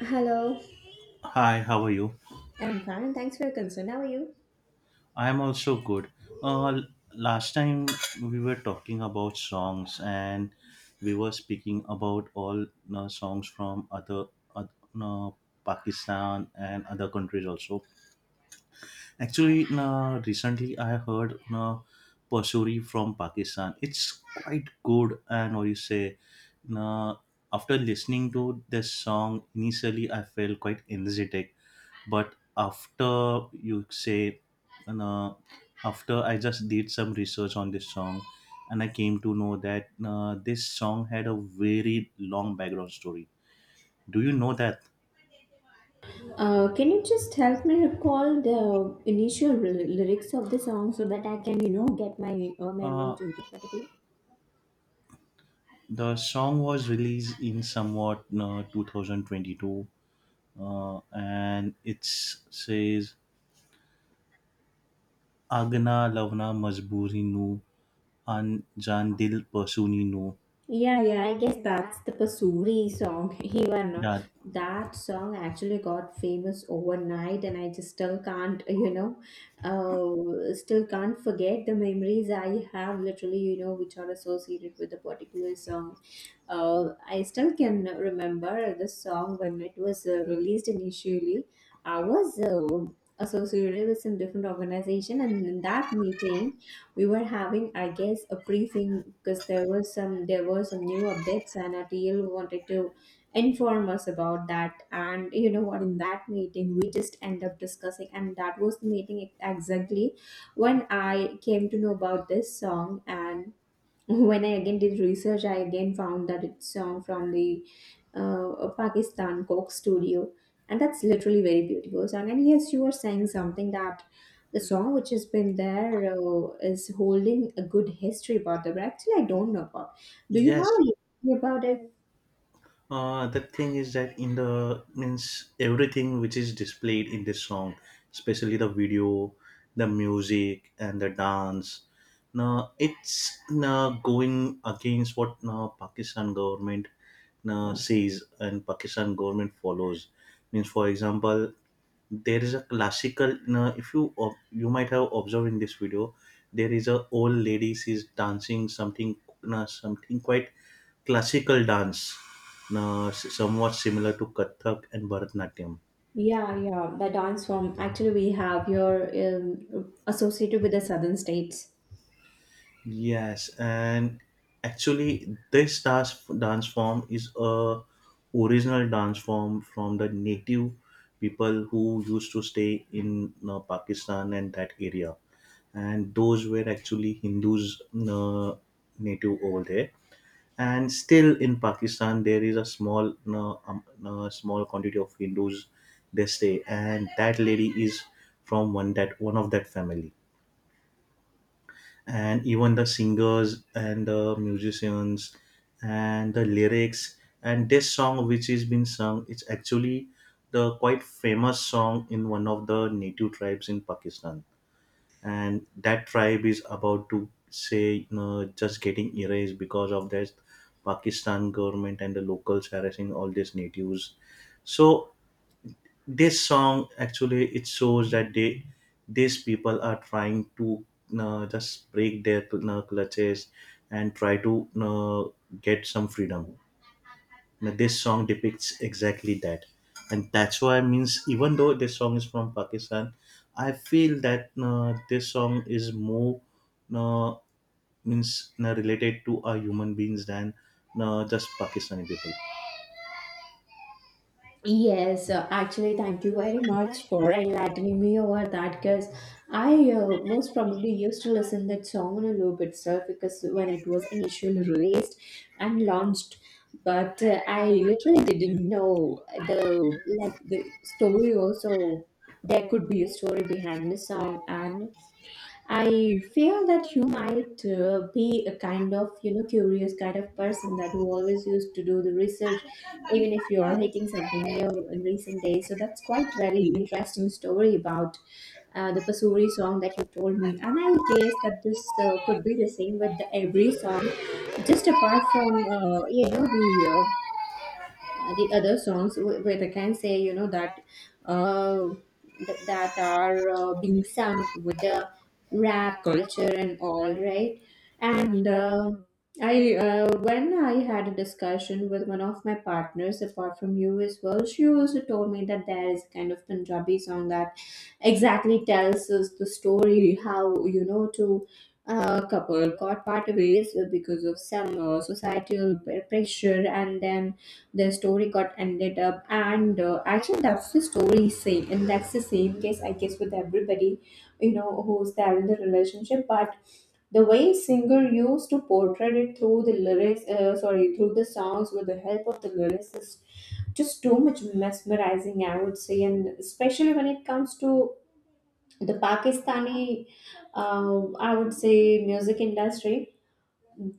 Hello. Hi, how are you? I'm fine. Thanks for your concern. How are you? I am also good. Uh, l- Last time we were talking about songs, and we were speaking about all songs from other uh, uh, Pakistan and other countries also. Actually, recently I heard Pasuri from Pakistan. It's quite good and what you say. Uh, After listening to this song, initially I felt quite energetic, but after you say you know, after I just did some research on this song and I came to know that this song had a very long background story. Do you know that Can you just help me recall the lyrics of the song so that I can, you know, get my memory uh, to the particular? the song was released in somewhat 2022, and it says agna lavna majburi nu an Jan dil pasuni nu. Yeah, yeah, I guess that's the Pasuri song. Even That, that song actually got famous overnight, and I just still can't, you know, still can't forget the memories I have literally, you know, which are associated with a particular song. I still can remember this song when it was released initially. I was associated with some different organization, and in that meeting, we were having, I guess, a briefing because there were some new updates, and our TL wanted to inform us about that. And you know what? In that meeting, we just end up discussing, and that was the exactly when I came to know about this song, and when I again did research, I again found that it's from the Pakistan Coke Studio, and that's literally very beautiful song. And yes, you were saying something that the song which has been there is holding a good history about the. But actually, I don't know about. Do you yes. have a history about it? The thing is that in the means everything which is displayed in this song, especially the video, the music, and the dance. Now it's now going against what now Pakistan government now says and Pakistan government follows. Means for example, there is a classical. Now if you you might have observed in this video, there is a old lady, she's dancing something, now something quite classical dance, now, somewhat similar to Kathak and Bharatanatyam. Yeah, yeah, the dance form. Actually, we have your associated with the southern states. Yes, and actually, this dance form is a original dance form from the native people who used to stay in Pakistan and that area, and those were actually Hindus, uh, native over there. And still in Pakistan there is a small no, no, small quantity of Hindus, they stay, and that lady is from one that one of that family. And even the singers and the musicians and the lyrics and this song which is been sung, it's actually the quite famous song in one of the native tribes in Pakistan, and that tribe is about to say, you know, just getting erased because of this Pakistan government and the locals harassing all these natives. So this song actually, it shows that they, these people are trying to just break their clutches and try to get some freedom. Now, this song depicts exactly that, and that's why means even though this song is from Pakistan, I feel that this song is more uh, means related to our human beings than just Pakistani people. Yes, actually, thank you very much for enlightening me over that, because I most probably used to listen that song on a loop itself because when it was initially released and launched, but I literally didn't know the like the story also. There could be a story behind the song, and I feel that you might be a kind of, you know, curious kind of person that you always used to do the research, even if you are hitting something new in recent days. So that's quite very interesting story about the Pasuri song that you told me. And I guess that this could be the same with the every song, just apart from, you know, the other songs where they can say, you know, that uh, that are being sung with the rap culture and all right, and I when I had a discussion with one of my partners apart from you as well, she also told me that there is a kind of Punjabi song that exactly tells us the story how, you know, to a couple got part ways because of some societal pressure, and then the story got ended up, and actually that's the story same, and that's the same case, I guess, with everybody, you know, who's there in the relationship. But the way singer used to portray it through the lyrics, sorry, through the songs with the help of the lyrics is just too much mesmerizing, I would say, and especially when it comes to the Pakistani uh, I would say music industry,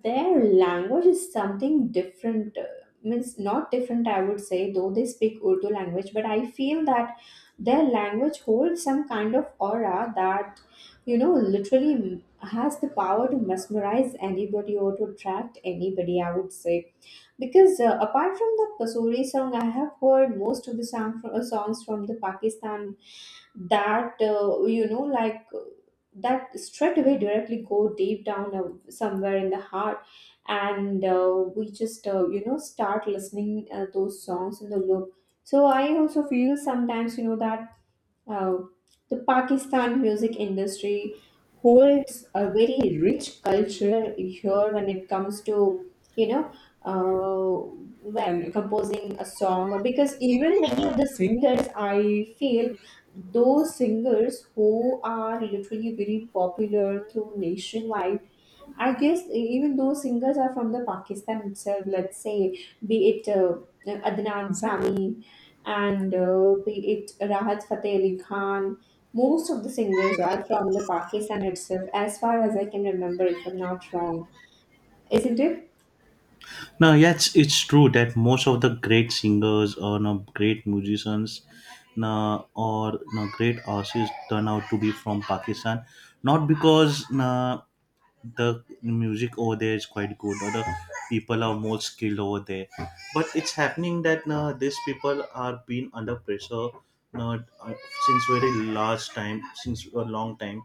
their language is something different. Means not different, I would say, though they speak Urdu language, but I feel that their language holds some kind of aura that, you know, literally has the power to mesmerize anybody or to attract anybody, I would say, because apart from the Kasuri song, I have heard most of the song, songs from the Pakistan that you know, like that straight away directly go deep down somewhere in the heart, and we just you know, start listening those songs in the loop. So I also feel sometimes, you know, that uh, the Pakistan music industry holds a very rich culture here when it comes to, you know, uh, when composing a song, because even many of the singers I feel, those singers who are literally very popular through nationwide, I guess even those singers are from the Pakistan itself. Let's say, be it Adnan Sami, and be it Rahat Fateh Ali Khan. Most of the singers, right, are from the Pakistan itself, as far as I can remember, if I'm not wrong. Isn't it? Now, yes, it's true that most of the great singers or no great musicians no or no great artists turn out to be from Pakistan, not because no. The music over there is quite good, or the people are more skilled over there, but it's happening that these people are being under pressure uh, uh, since very large time since a long time,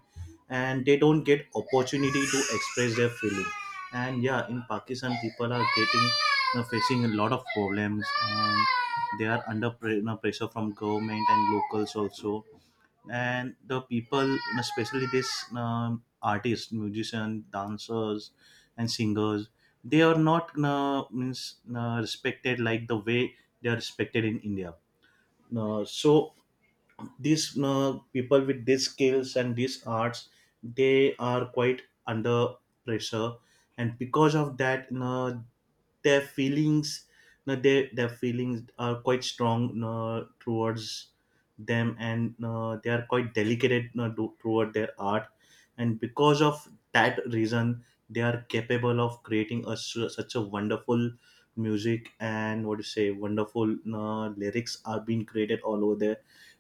and they don't get opportunity to express their feeling. And yeah, in Pakistan people are getting facing a lot of problems, and they are under you pressure from government and locals also. And the people, especially this artists, musicians, dancers, and singers, they are not means respected like the way they are respected in India. So these people with these skills and these arts, they are quite under pressure. And because of that, you know, their feelings, you know, their feelings are quite strong, you know, towards them, and you know, they are quite delicate, you know, toward their art. And because of that reason, they are capable of creating a, such a wonderful music, and what do you say, wonderful, you know, lyrics are being created all over there,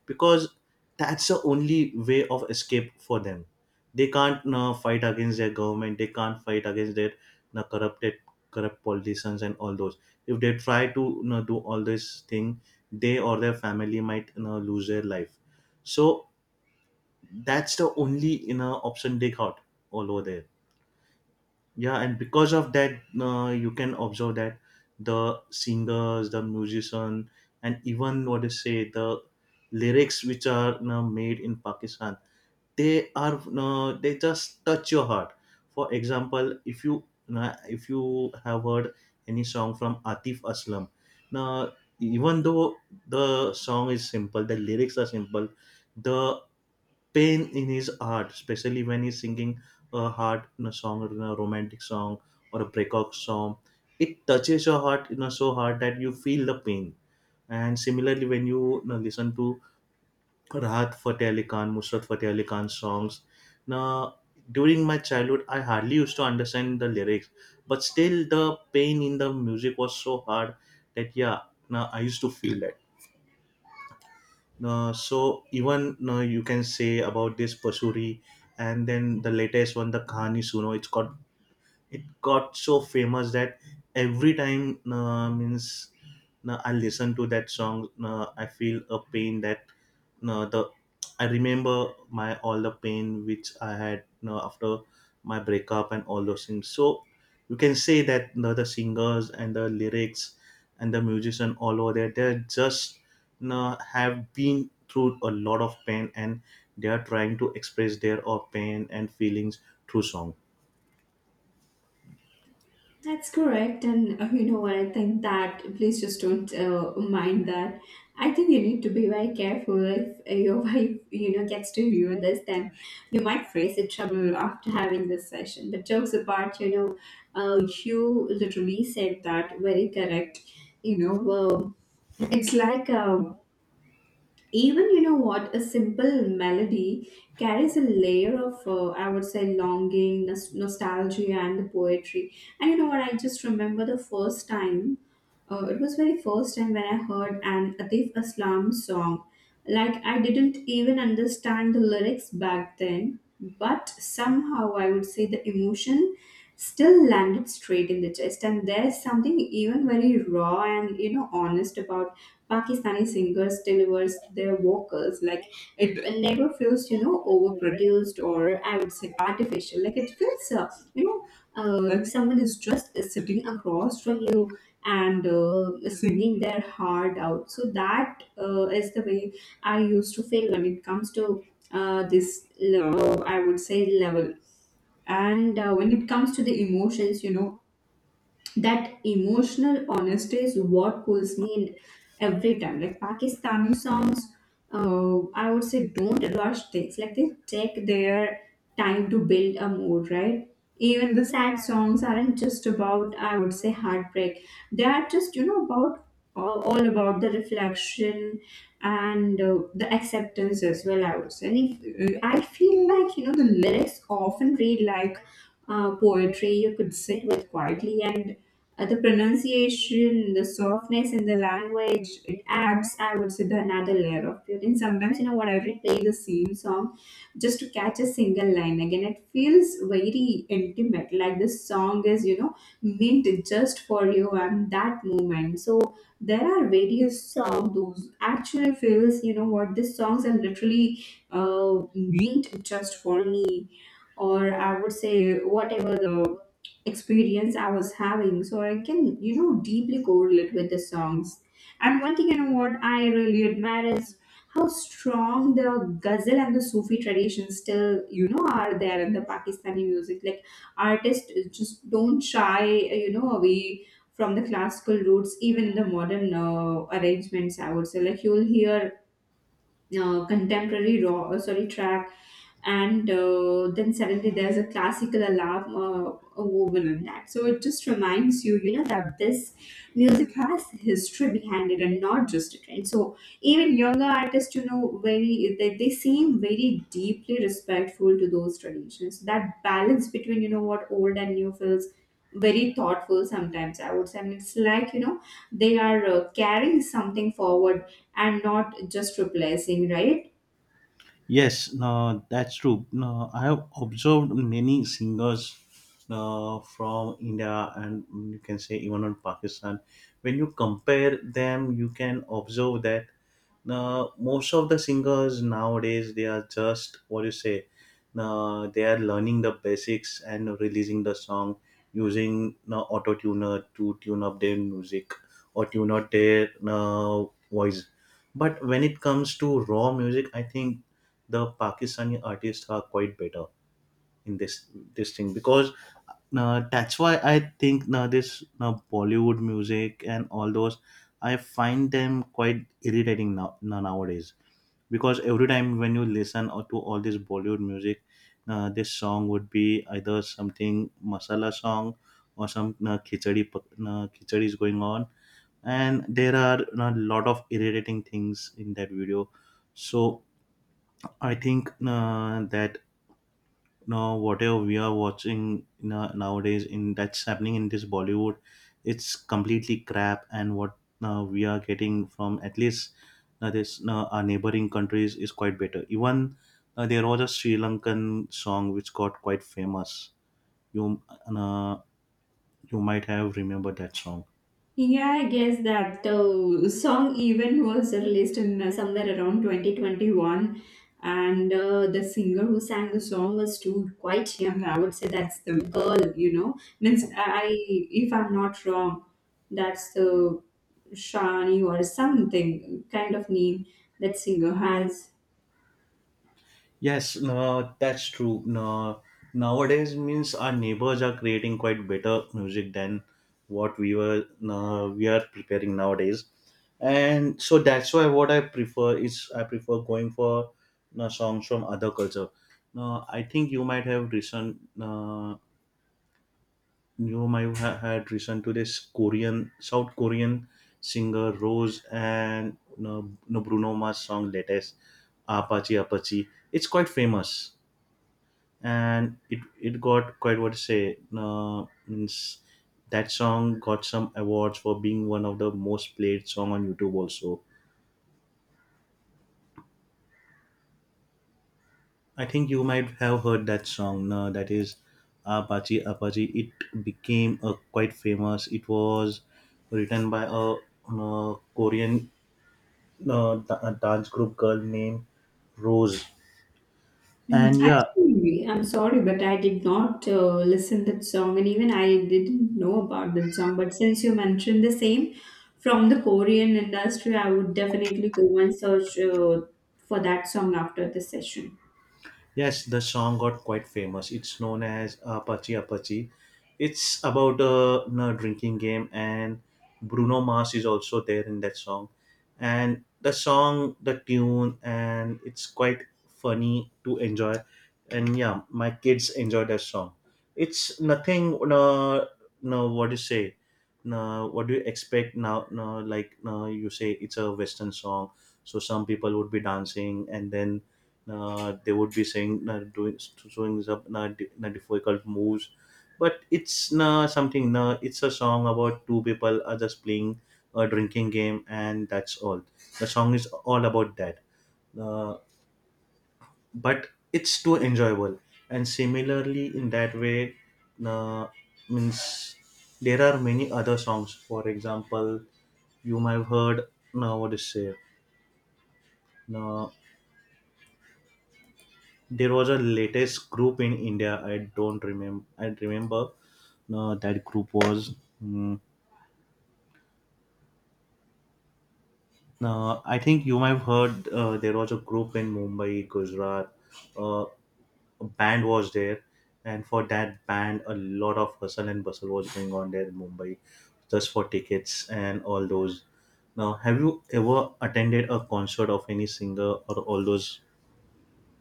because that's the only way of escape for them. They can't fight against their government, they can't fight against their uh, corrupted corrupt politicians and all those. If they try to, you know, do all this thing, they or their family might, you know, lose their life. So that's the only, you know, option they got all over there. Yeah, and because of that, you can observe that the singers, the musician, and even what they say, the lyrics which are, you know, made in Pakistan, they are, you know, they just touch your heart. For example, if you, you know, if you have heard any song from Atif Aslam, now, even though the song is simple, the lyrics are simple, the pain in his heart, especially when he's singing a heart in a song or in a romantic song or a breakup song. It touches your heart, you know, so hard that you feel the pain. And similarly, when you know, listen to Rahat Fateh Ali Khan, Musrat Fateh Ali Khan songs, now during my childhood, I hardly used to understand the lyrics, but still the pain in the music was so hard that yeah, now I used to feel that. So even you can say about this Pasuri, and then the latest one, the Kahani Suno. It got so famous that every time means I listen to that song, I feel a pain that no the I remember my all the pain which I had you after my breakup and all those things. So you can say that you the singers and the lyrics and the musician all over there, they just you have been through a lot of pain, and they are trying to express their or pain and feelings through song. That's correct, and you know what? I think that please just don't mind that. I think you need to be very careful if your wife, you know, gets to hear this. Then you might face a trouble after having this session. But jokes apart, you know, you literally said that very correct. You know, it's like even you know what, a simple melody carries a layer of, I would say, longing, nostalgia and the poetry. And you know what, I just remember the first time, it was very first time when I heard an Atif Aslam song. Like, I didn't even understand the lyrics back then, but somehow, I would say, the emotion still landed straight in the chest. And there's something even very raw and, you know, honest about Pakistani singers delivers their vocals. Like, it never feels, you know, overproduced, or I would say artificial. Like, it feels, you know, if someone is just sitting across from you and swinging their heart out. So that is the way I used to feel when it comes to this, level, I would say, level. And when it comes to the emotions, you know, that emotional honesty is what pulls me in every time. Like, Pakistani songs, I would say, don't rush things. Like, they take their time to build a mood, right? Even the sad songs aren't just about, I would say, heartbreak. They are just, you know, about all about the reflection and the acceptance as well, I would say. And if, I feel like, you know, the lyrics often read like poetry you could sit with quietly, and the pronunciation, the softness in the language, it adds, I would say, the another layer of it. And sometimes, you know, when I replay the same song just to catch a single line again, it feels very intimate. Like, this song is, you know, meant just for you and that moment. So there are various songs those actually feels, you know, what these songs are literally meant just for me, or I would say whatever the experience I was having. So I can, you know, deeply correlate with the songs. And one thing, you know what I really admire is how strong the ghazal and the Sufi tradition still, you know, are there in the Pakistani music. Like, artists just don't shy, you know, away from the classical roots, even in the modern arrangements, I would say. Like, you'll hear contemporary raw, track, and then suddenly there's a classical alarm woven in that. So it just reminds you, you know, that this music has history behind it and not just a trend. So even younger artists, you know, very they seem very deeply respectful to those traditions. That balance between, you know, what old and new feels very thoughtful sometimes, I would say. And it's like, you know, they are carrying something forward and not just replacing, right? Yes, no, that's true. No, I have observed many singers from India and mm, you can say even on Pakistan. When you compare them, you can observe that most of the singers nowadays they are just what you say. They are learning the basics and releasing the song using auto tuner to tune up their music or tune out their voice. But when it comes to raw music, I think the Pakistani artists are quite better in this thing, because that's why I think now this now Bollywood music and all those, I find them quite irritating now, now nowadays, because every time when you listen or to all this Bollywood music, this song would be either something masala song or some khichdi is going on, and there are a lot of irritating things in that video. So I think that you know, whatever we are watching, you know, nowadays in that's happening in this Bollywood, it's completely crap. And what we are getting from at least this our neighboring countries is quite better. Even there was a Sri Lankan song which got quite famous. You uh, you might have remembered that song. Yeah, I guess that song even was released in somewhere around 2021, and the singer who sang the song was too quite young. I would say that's the girl, you know. Means I, if I'm not wrong, that's the Shani or something kind of name that singer has. Yes, no, that's true. No, nowadays means our neighbors are creating quite better music than what we were no, we are preparing nowadays, and so that's why what I prefer is I prefer going for no, songs from other culture. No, I think you might have recent no, you might have had recent to this Korean South Korean singer Rose and no, no Bruno Mars song latest Apache Apache. It's quite famous, and it got quite what to say means that song got some awards for being one of the most played song on YouTube also. I think you might have heard that song. No, that is Apache Apache. It became a quite famous. It was written by a Korean dance group girl named Rose. Mhm. And yeah. Actually, I'm sorry, but I did not listen that song, and even I didn't know about that song. But since you mentioned the same from the Korean industry, I would definitely go and search for that song after the session. Yes, the song got quite famous. It's known as Apache Apache. It's about a, you know, drinking game, and Bruno Mars is also there in that song. And the song, the tune, and it's quite funny to enjoy. And yeah, my kids enjoy that song. It's nothing, no, no what do you say? No, what do you expect now? No, like no, you say it's a Western song, so some people would be dancing, and then they would be saying doing showing up difficult moves, but it's something it's a song about two people are just playing a drinking game, and that's all the song is all about that. uh, but it's too enjoyable. And similarly in that way, uh, means there are many other songs, for example, you might have heard now what is say. No. There was a latest group in India, I don't remember I remember that group was mm, I think you might have heard there was a group in Mumbai Gujarat, uh, a band was there, and for that band a lot of hustle and bustle was going on there in Mumbai just for tickets and all those. Now, have you ever attended a concert of any singer or all those?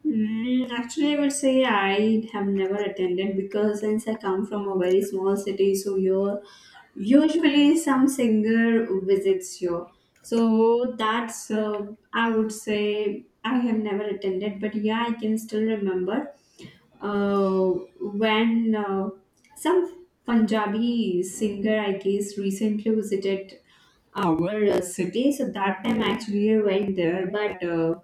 Mm, actually, I would say I have never attended, because since I come from a very small city, so here usually some singer visits you. So that's, I would say, I have never attended, but yeah, I can still remember uh, when some Punjabi singer, I guess, recently visited our city. So that time actually I went there, but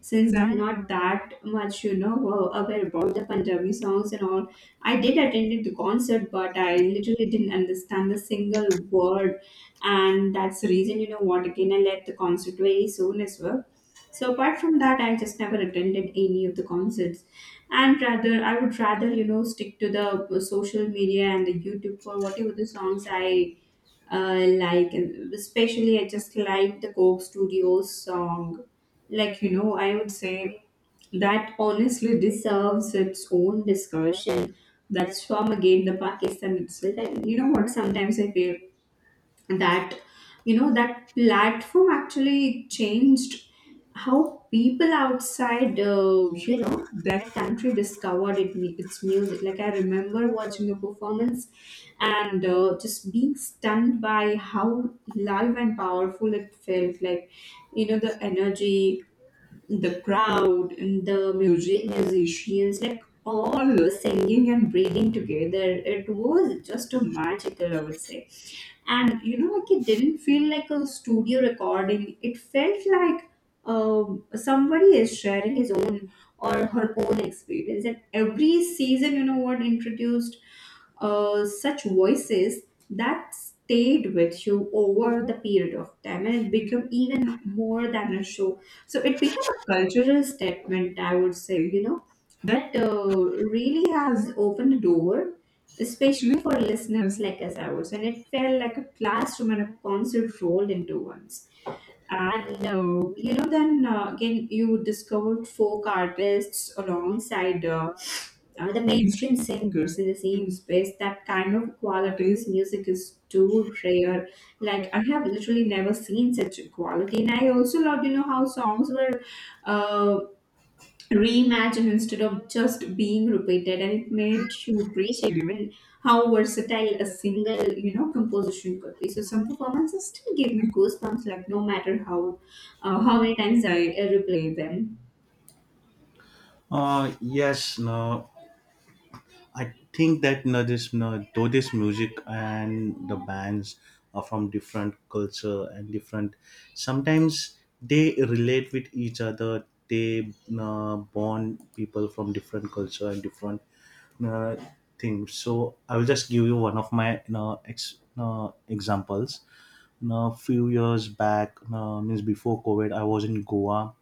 since I'm not that much, you know, aware about the Punjabi songs and all. I did attend the concert, but I literally didn't understand a single word, and that's the reason, you know, what again I left the concert very soon as well. So apart from that, I just never attended any of the concerts, and rather I would rather, you know, stick to the social media and the YouTube for whatever the songs I like. And especially I just like the Coke Studios song. Like, you know, I would say that honestly deserves its own discussion. That's from again the Pakistan itself. And you know what? Sometimes I feel that that platform actually changed how people outside their country discovered its music. Like I remember watching a performance and, just being stunned by how live and powerful it felt. Like you know, the energy, the crowd and the musicians, like all singing and breathing together. It was just a magical, I would say. And you know, like it didn't feel like a studio recording, it felt like somebody is sharing his own or her own experience. And every season, you know what, introduced such voices that stayed with you over the period of time, and it became even more than a show. So it became a cultural statement, I would say, you know that really has opened the door especially for listeners like us, I would say. And it felt like a classroom and a concert rolled into one. And then, again, you discovered folk artists alongside the mainstream singers in the same space. That kind of quality's music is too rare. Like I have literally never seen such a quality, and I also loved, you know, how songs were Uh, reimagined instead of just being repeated. And it made you appreciate even how versatile a single composition could be. So some performances still give me goosebumps, like no matter how, how many times I, replay them. uh yes, no, I think that, you know, this, you know, though this music and the bands are from different culture and different. Sometimes they relate with each other. They bond people from different culture and different uh, things. So I will just give you one of my, you know, examples. A few years back, means before COVID, I was in Goa,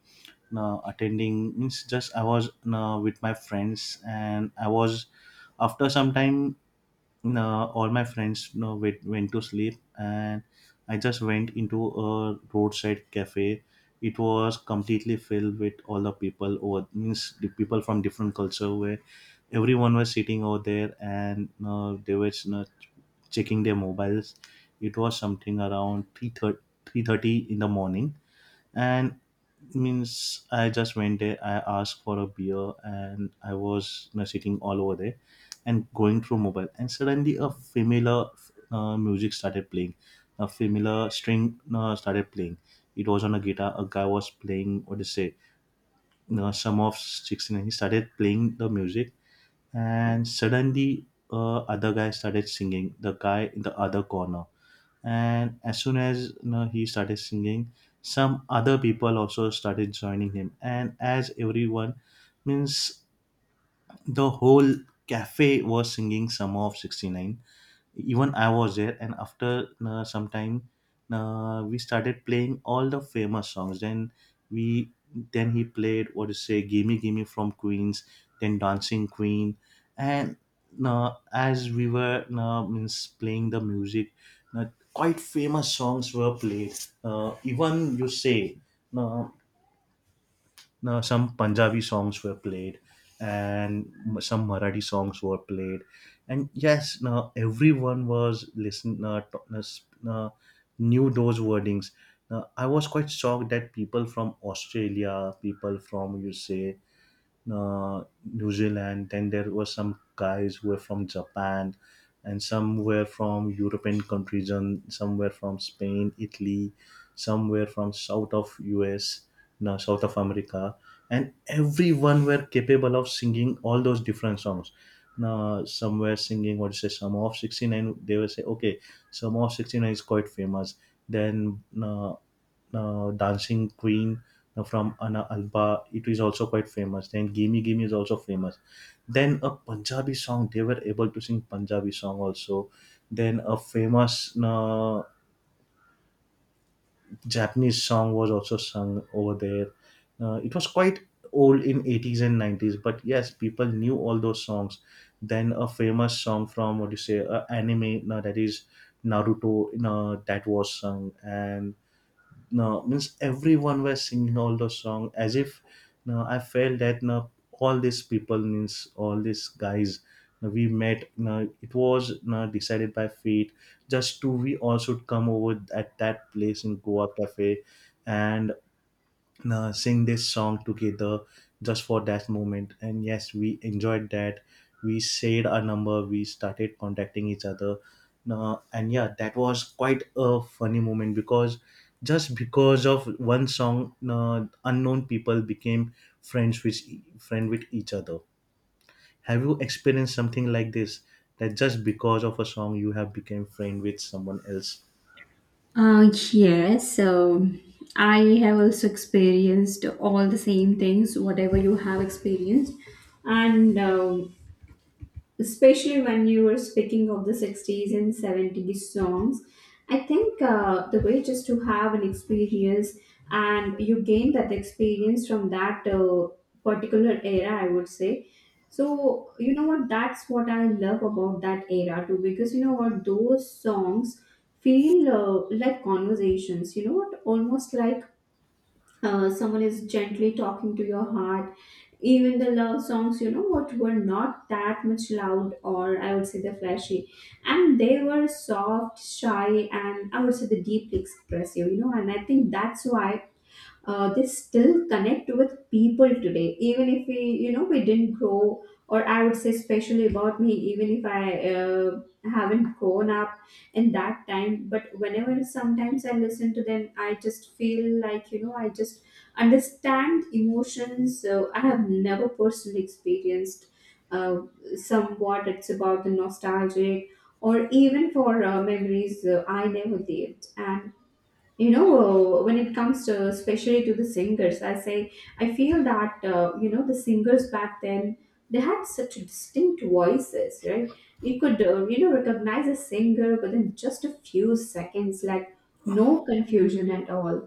attending, means, just I was with my friends, and I was, after some time, all my friends, went to sleep, and I just went into a roadside cafe. It was completely filled with all the people, over, means the people from different culture, where everyone was sitting over there, and they were, checking their mobiles. It was something around 3, 3:30 in the morning, and means I just went there, I asked for a beer, and I was, sitting all over there, and going through mobile, and suddenly a familiar music started playing. A familiar string started playing. It was on a guitar. A guy was playing, what is it, sum of 69. He started playing the music. And suddenly other guy started singing, the guy in the other corner. And as soon as, he started singing, some other people also started joining him. And as everyone, means, the whole cafe was singing summer of 69. Even I was there, and after some time we started playing all the famous songs. Then we, then he played, what is say, gimme gimme from Queens. Then dancing queen. And as we were, means playing the music, uh, quite famous songs were played. Even you say, uh, now some Punjabi songs were played, and some Marathi songs were played. And yes, now everyone was listening, knew those wordings. Now, I was quite shocked that people from Australia, people from, you say, uh, New Zealand. Then there were some guys who were from Japan, and some were from European countries, and some were from Spain, Italy, some were from south of US, no, south of America, and everyone were capable of singing all those different songs. Now, some were singing, what you say, some of 69, they will say, okay, some of 69 is quite famous. Then dancing queen from Ana Alba. It is also quite famous. Then gimme gimme is also famous. Then a Punjabi song. They were able to sing Punjabi song also. Then a famous Japanese song was also sung over there. It was quite old in 80s and 90s, but yes, people knew all those songs. Then a famous song from, what do you say, anime, that is Naruto. That was sung, and no, means everyone was singing all those songs as if, no, I felt that no, all these people, means all these guys, no, we met, no, it was, no, decided by fate, just to, we all should come over at that place in Goa cafe, and sing this song together, just for that moment, and yes, we enjoyed that. We shared our number, we started contacting each other, and yeah, that was quite a funny moment, because just because of one song unknown people became friends with friend with each other. Have you experienced something like this, that just because of a song you have become friend with someone else? Yes, so I have also experienced all the same things, whatever you have experienced. And especially when you were speaking of the 60s and 70s songs, I think, the way just to have an experience, and you gain that experience from that, particular era, I would say. So you know what, that's what I love about that era too, because you know what, those songs feel like conversations, you know what, almost like someone is gently talking to your heart. Even the love songs, you know what, were not that much loud, or I would say they're flashy. And they were soft, shy, and I would say the deeply expressive, you know. And I think that's why they still connect with people today, even if we, you know, we didn't grow, or I would say especially about me, even if I, haven't grown up in that time. But whenever sometimes I listen to them, I just feel like, you know, I just understand emotions I have never personally experienced. uh, Somewhat it's about the nostalgic, or even for memories I never lived. And you know, when it comes to especially to the singers, I say I feel that, you know, the singers back then, they had such distinct voices, right? You could, you know, recognize a singer within just a few seconds, like no confusion at all.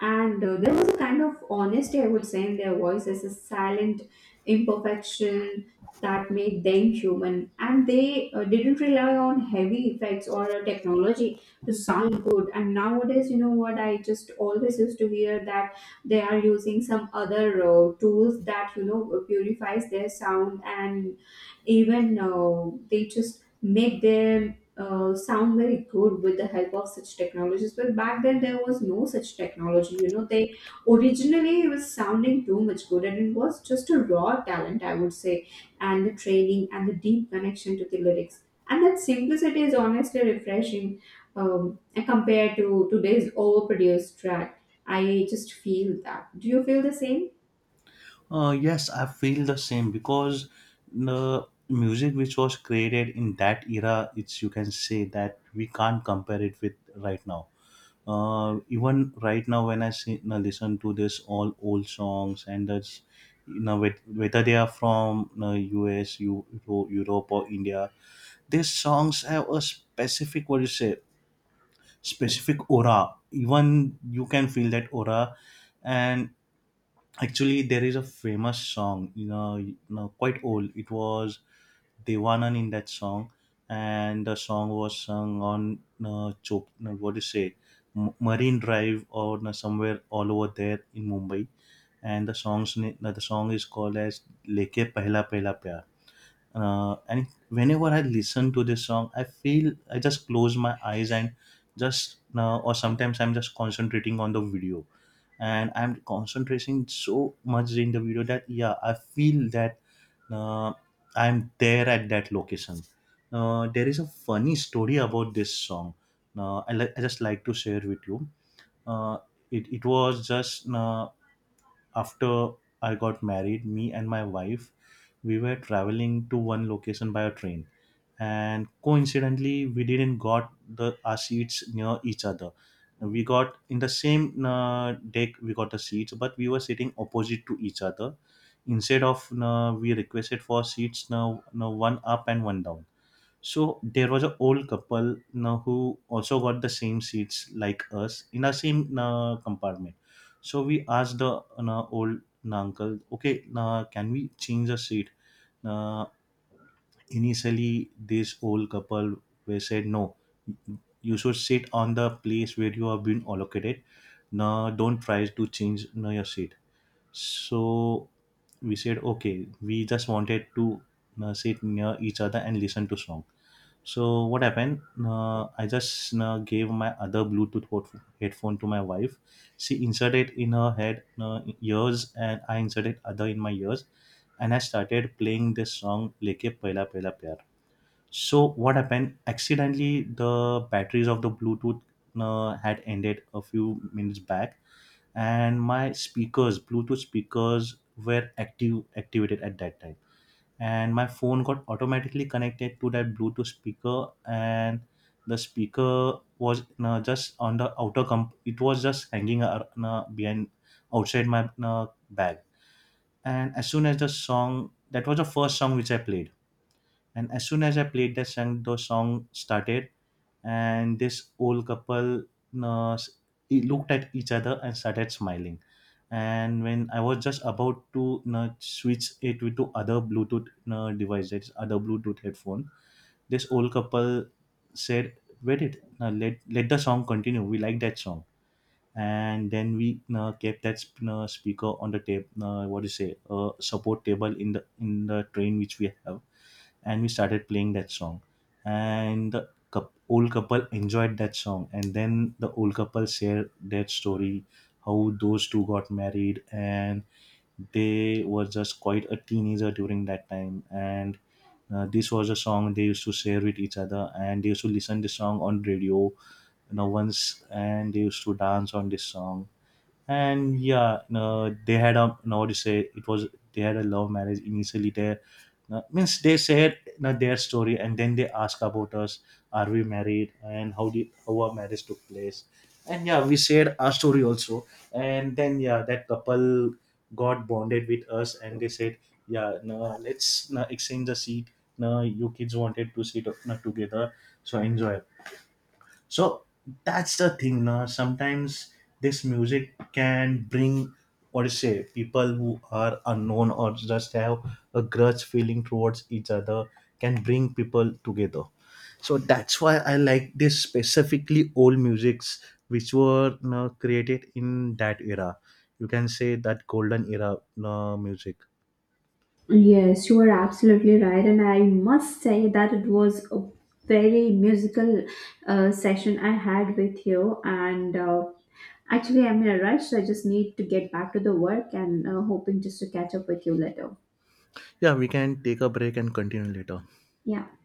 And there was a kind of honesty, I would say, in their voices, a silent imperfection that made them human. And they didn't rely on heavy effects or technology to sound good. And nowadays, you know what, I just always used to hear that they are using some other tools that, you know, purifies their sound. And even, they just make them sound very good with the help of such technologies. But back then there was no such technology, you know, they originally, it was sounding too much good, and it was just a raw talent, I would say, and the training and the deep connection to the lyrics. And that simplicity is honestly refreshing, um, compared to today's overproduced track. I just feel that, do you feel the same? Yes, I feel the same, because the music which was created in that era, it's, you can say that we can't compare it with right now. Even right now, when I see, now listen to this all old songs, and that's, whether they are from you US, Europe or India, these songs have a specific, what you say, specific aura. Even you can feel that aura, and actually, there is a famous song, quite old. It was Devanan in that song, and the song was sung on Chop, no, what do you say, Marine Drive, or no, somewhere all over there in Mumbai. And the song is called as "Leke Pehla Pehla Pyar." And whenever I listen to this song, I feel, I just close my eyes, and just, or sometimes I'm just concentrating on the video, and I'm concentrating so much in the video that yeah, I feel that uh, I'm there at that location. There is a funny story about this song. I just like to share with you. Uh, it, it was just, after I got married, me and my wife, we were traveling to one location by a train, and coincidentally, we didn't got the our seats near each other. We got in the same deck. We got the seats, but we were sitting opposite to each other. Instead of, we requested for seats, now one up and one down. So there was an old couple now, who also got the same seats like us in our same compartment. So we asked the old uncle, okay, can we change the seat? Uh, Initially, this old couple were said no. You should sit on the place where you have been allocated. No, don't try to change, no, your seat. So we said okay. We just wanted to sit near each other and listen to song. So what happened? I just gave my other Bluetooth headphone to my wife. She inserted in her head ears, and I inserted other in my ears, and I started playing this song "Leke Pehla Pehla Pyar." So what happened? Accidentally, the batteries of the Bluetooth had ended a few minutes back, and my speakers, Bluetooth speakers, were active activated at that time, and my phone got automatically connected to that Bluetooth speaker, and the speaker was, just on the outer comp, it was just hanging behind, outside my bag. And as soon as the song, that was the first song which I played, and as soon as I played that song, the song started, and this old couple, uh, s- looked at each other and started smiling. And when I was just about to switch it with to other Bluetooth device, that's other Bluetooth headphone, this old couple said, "Wait it, let the song continue. We like that song." And then we kept that speaker on the table. What do you say? Support table in the train which we have, and we started playing that song, and the old couple enjoyed that song. And then the old couple shared their story, how those two got married, and they were just quite a teenager during that time, and this was a song they used to share with each other, and they used to listen this song on radio, once, and they used to dance on this song. And yeah, no, they had a no to say, it was, they had a love marriage initially there, no, means they said, no, their story, and then they ask about us, are we married, and how our marriage took place, and yeah, we shared our story also. And then yeah, that couple got bonded with us, and they said, yeah, no, let's, no, exchange the seat, no, you kids wanted to sit, no, together, so enjoy. So that's the thing now. Sometimes this music can bring, what to say, people who are unknown or just have a grudge feeling towards each other, can bring people together. So that's why I like this specifically old musics which were, created in that era. You can say that golden era, music. Yes, you are absolutely right, and I must say that it was a very musical, session I had with you. And, actually, I'm in a rush, so I just need to get back to the work and, hoping just to catch up with you later. Yeah, we can take a break and continue later. Yeah.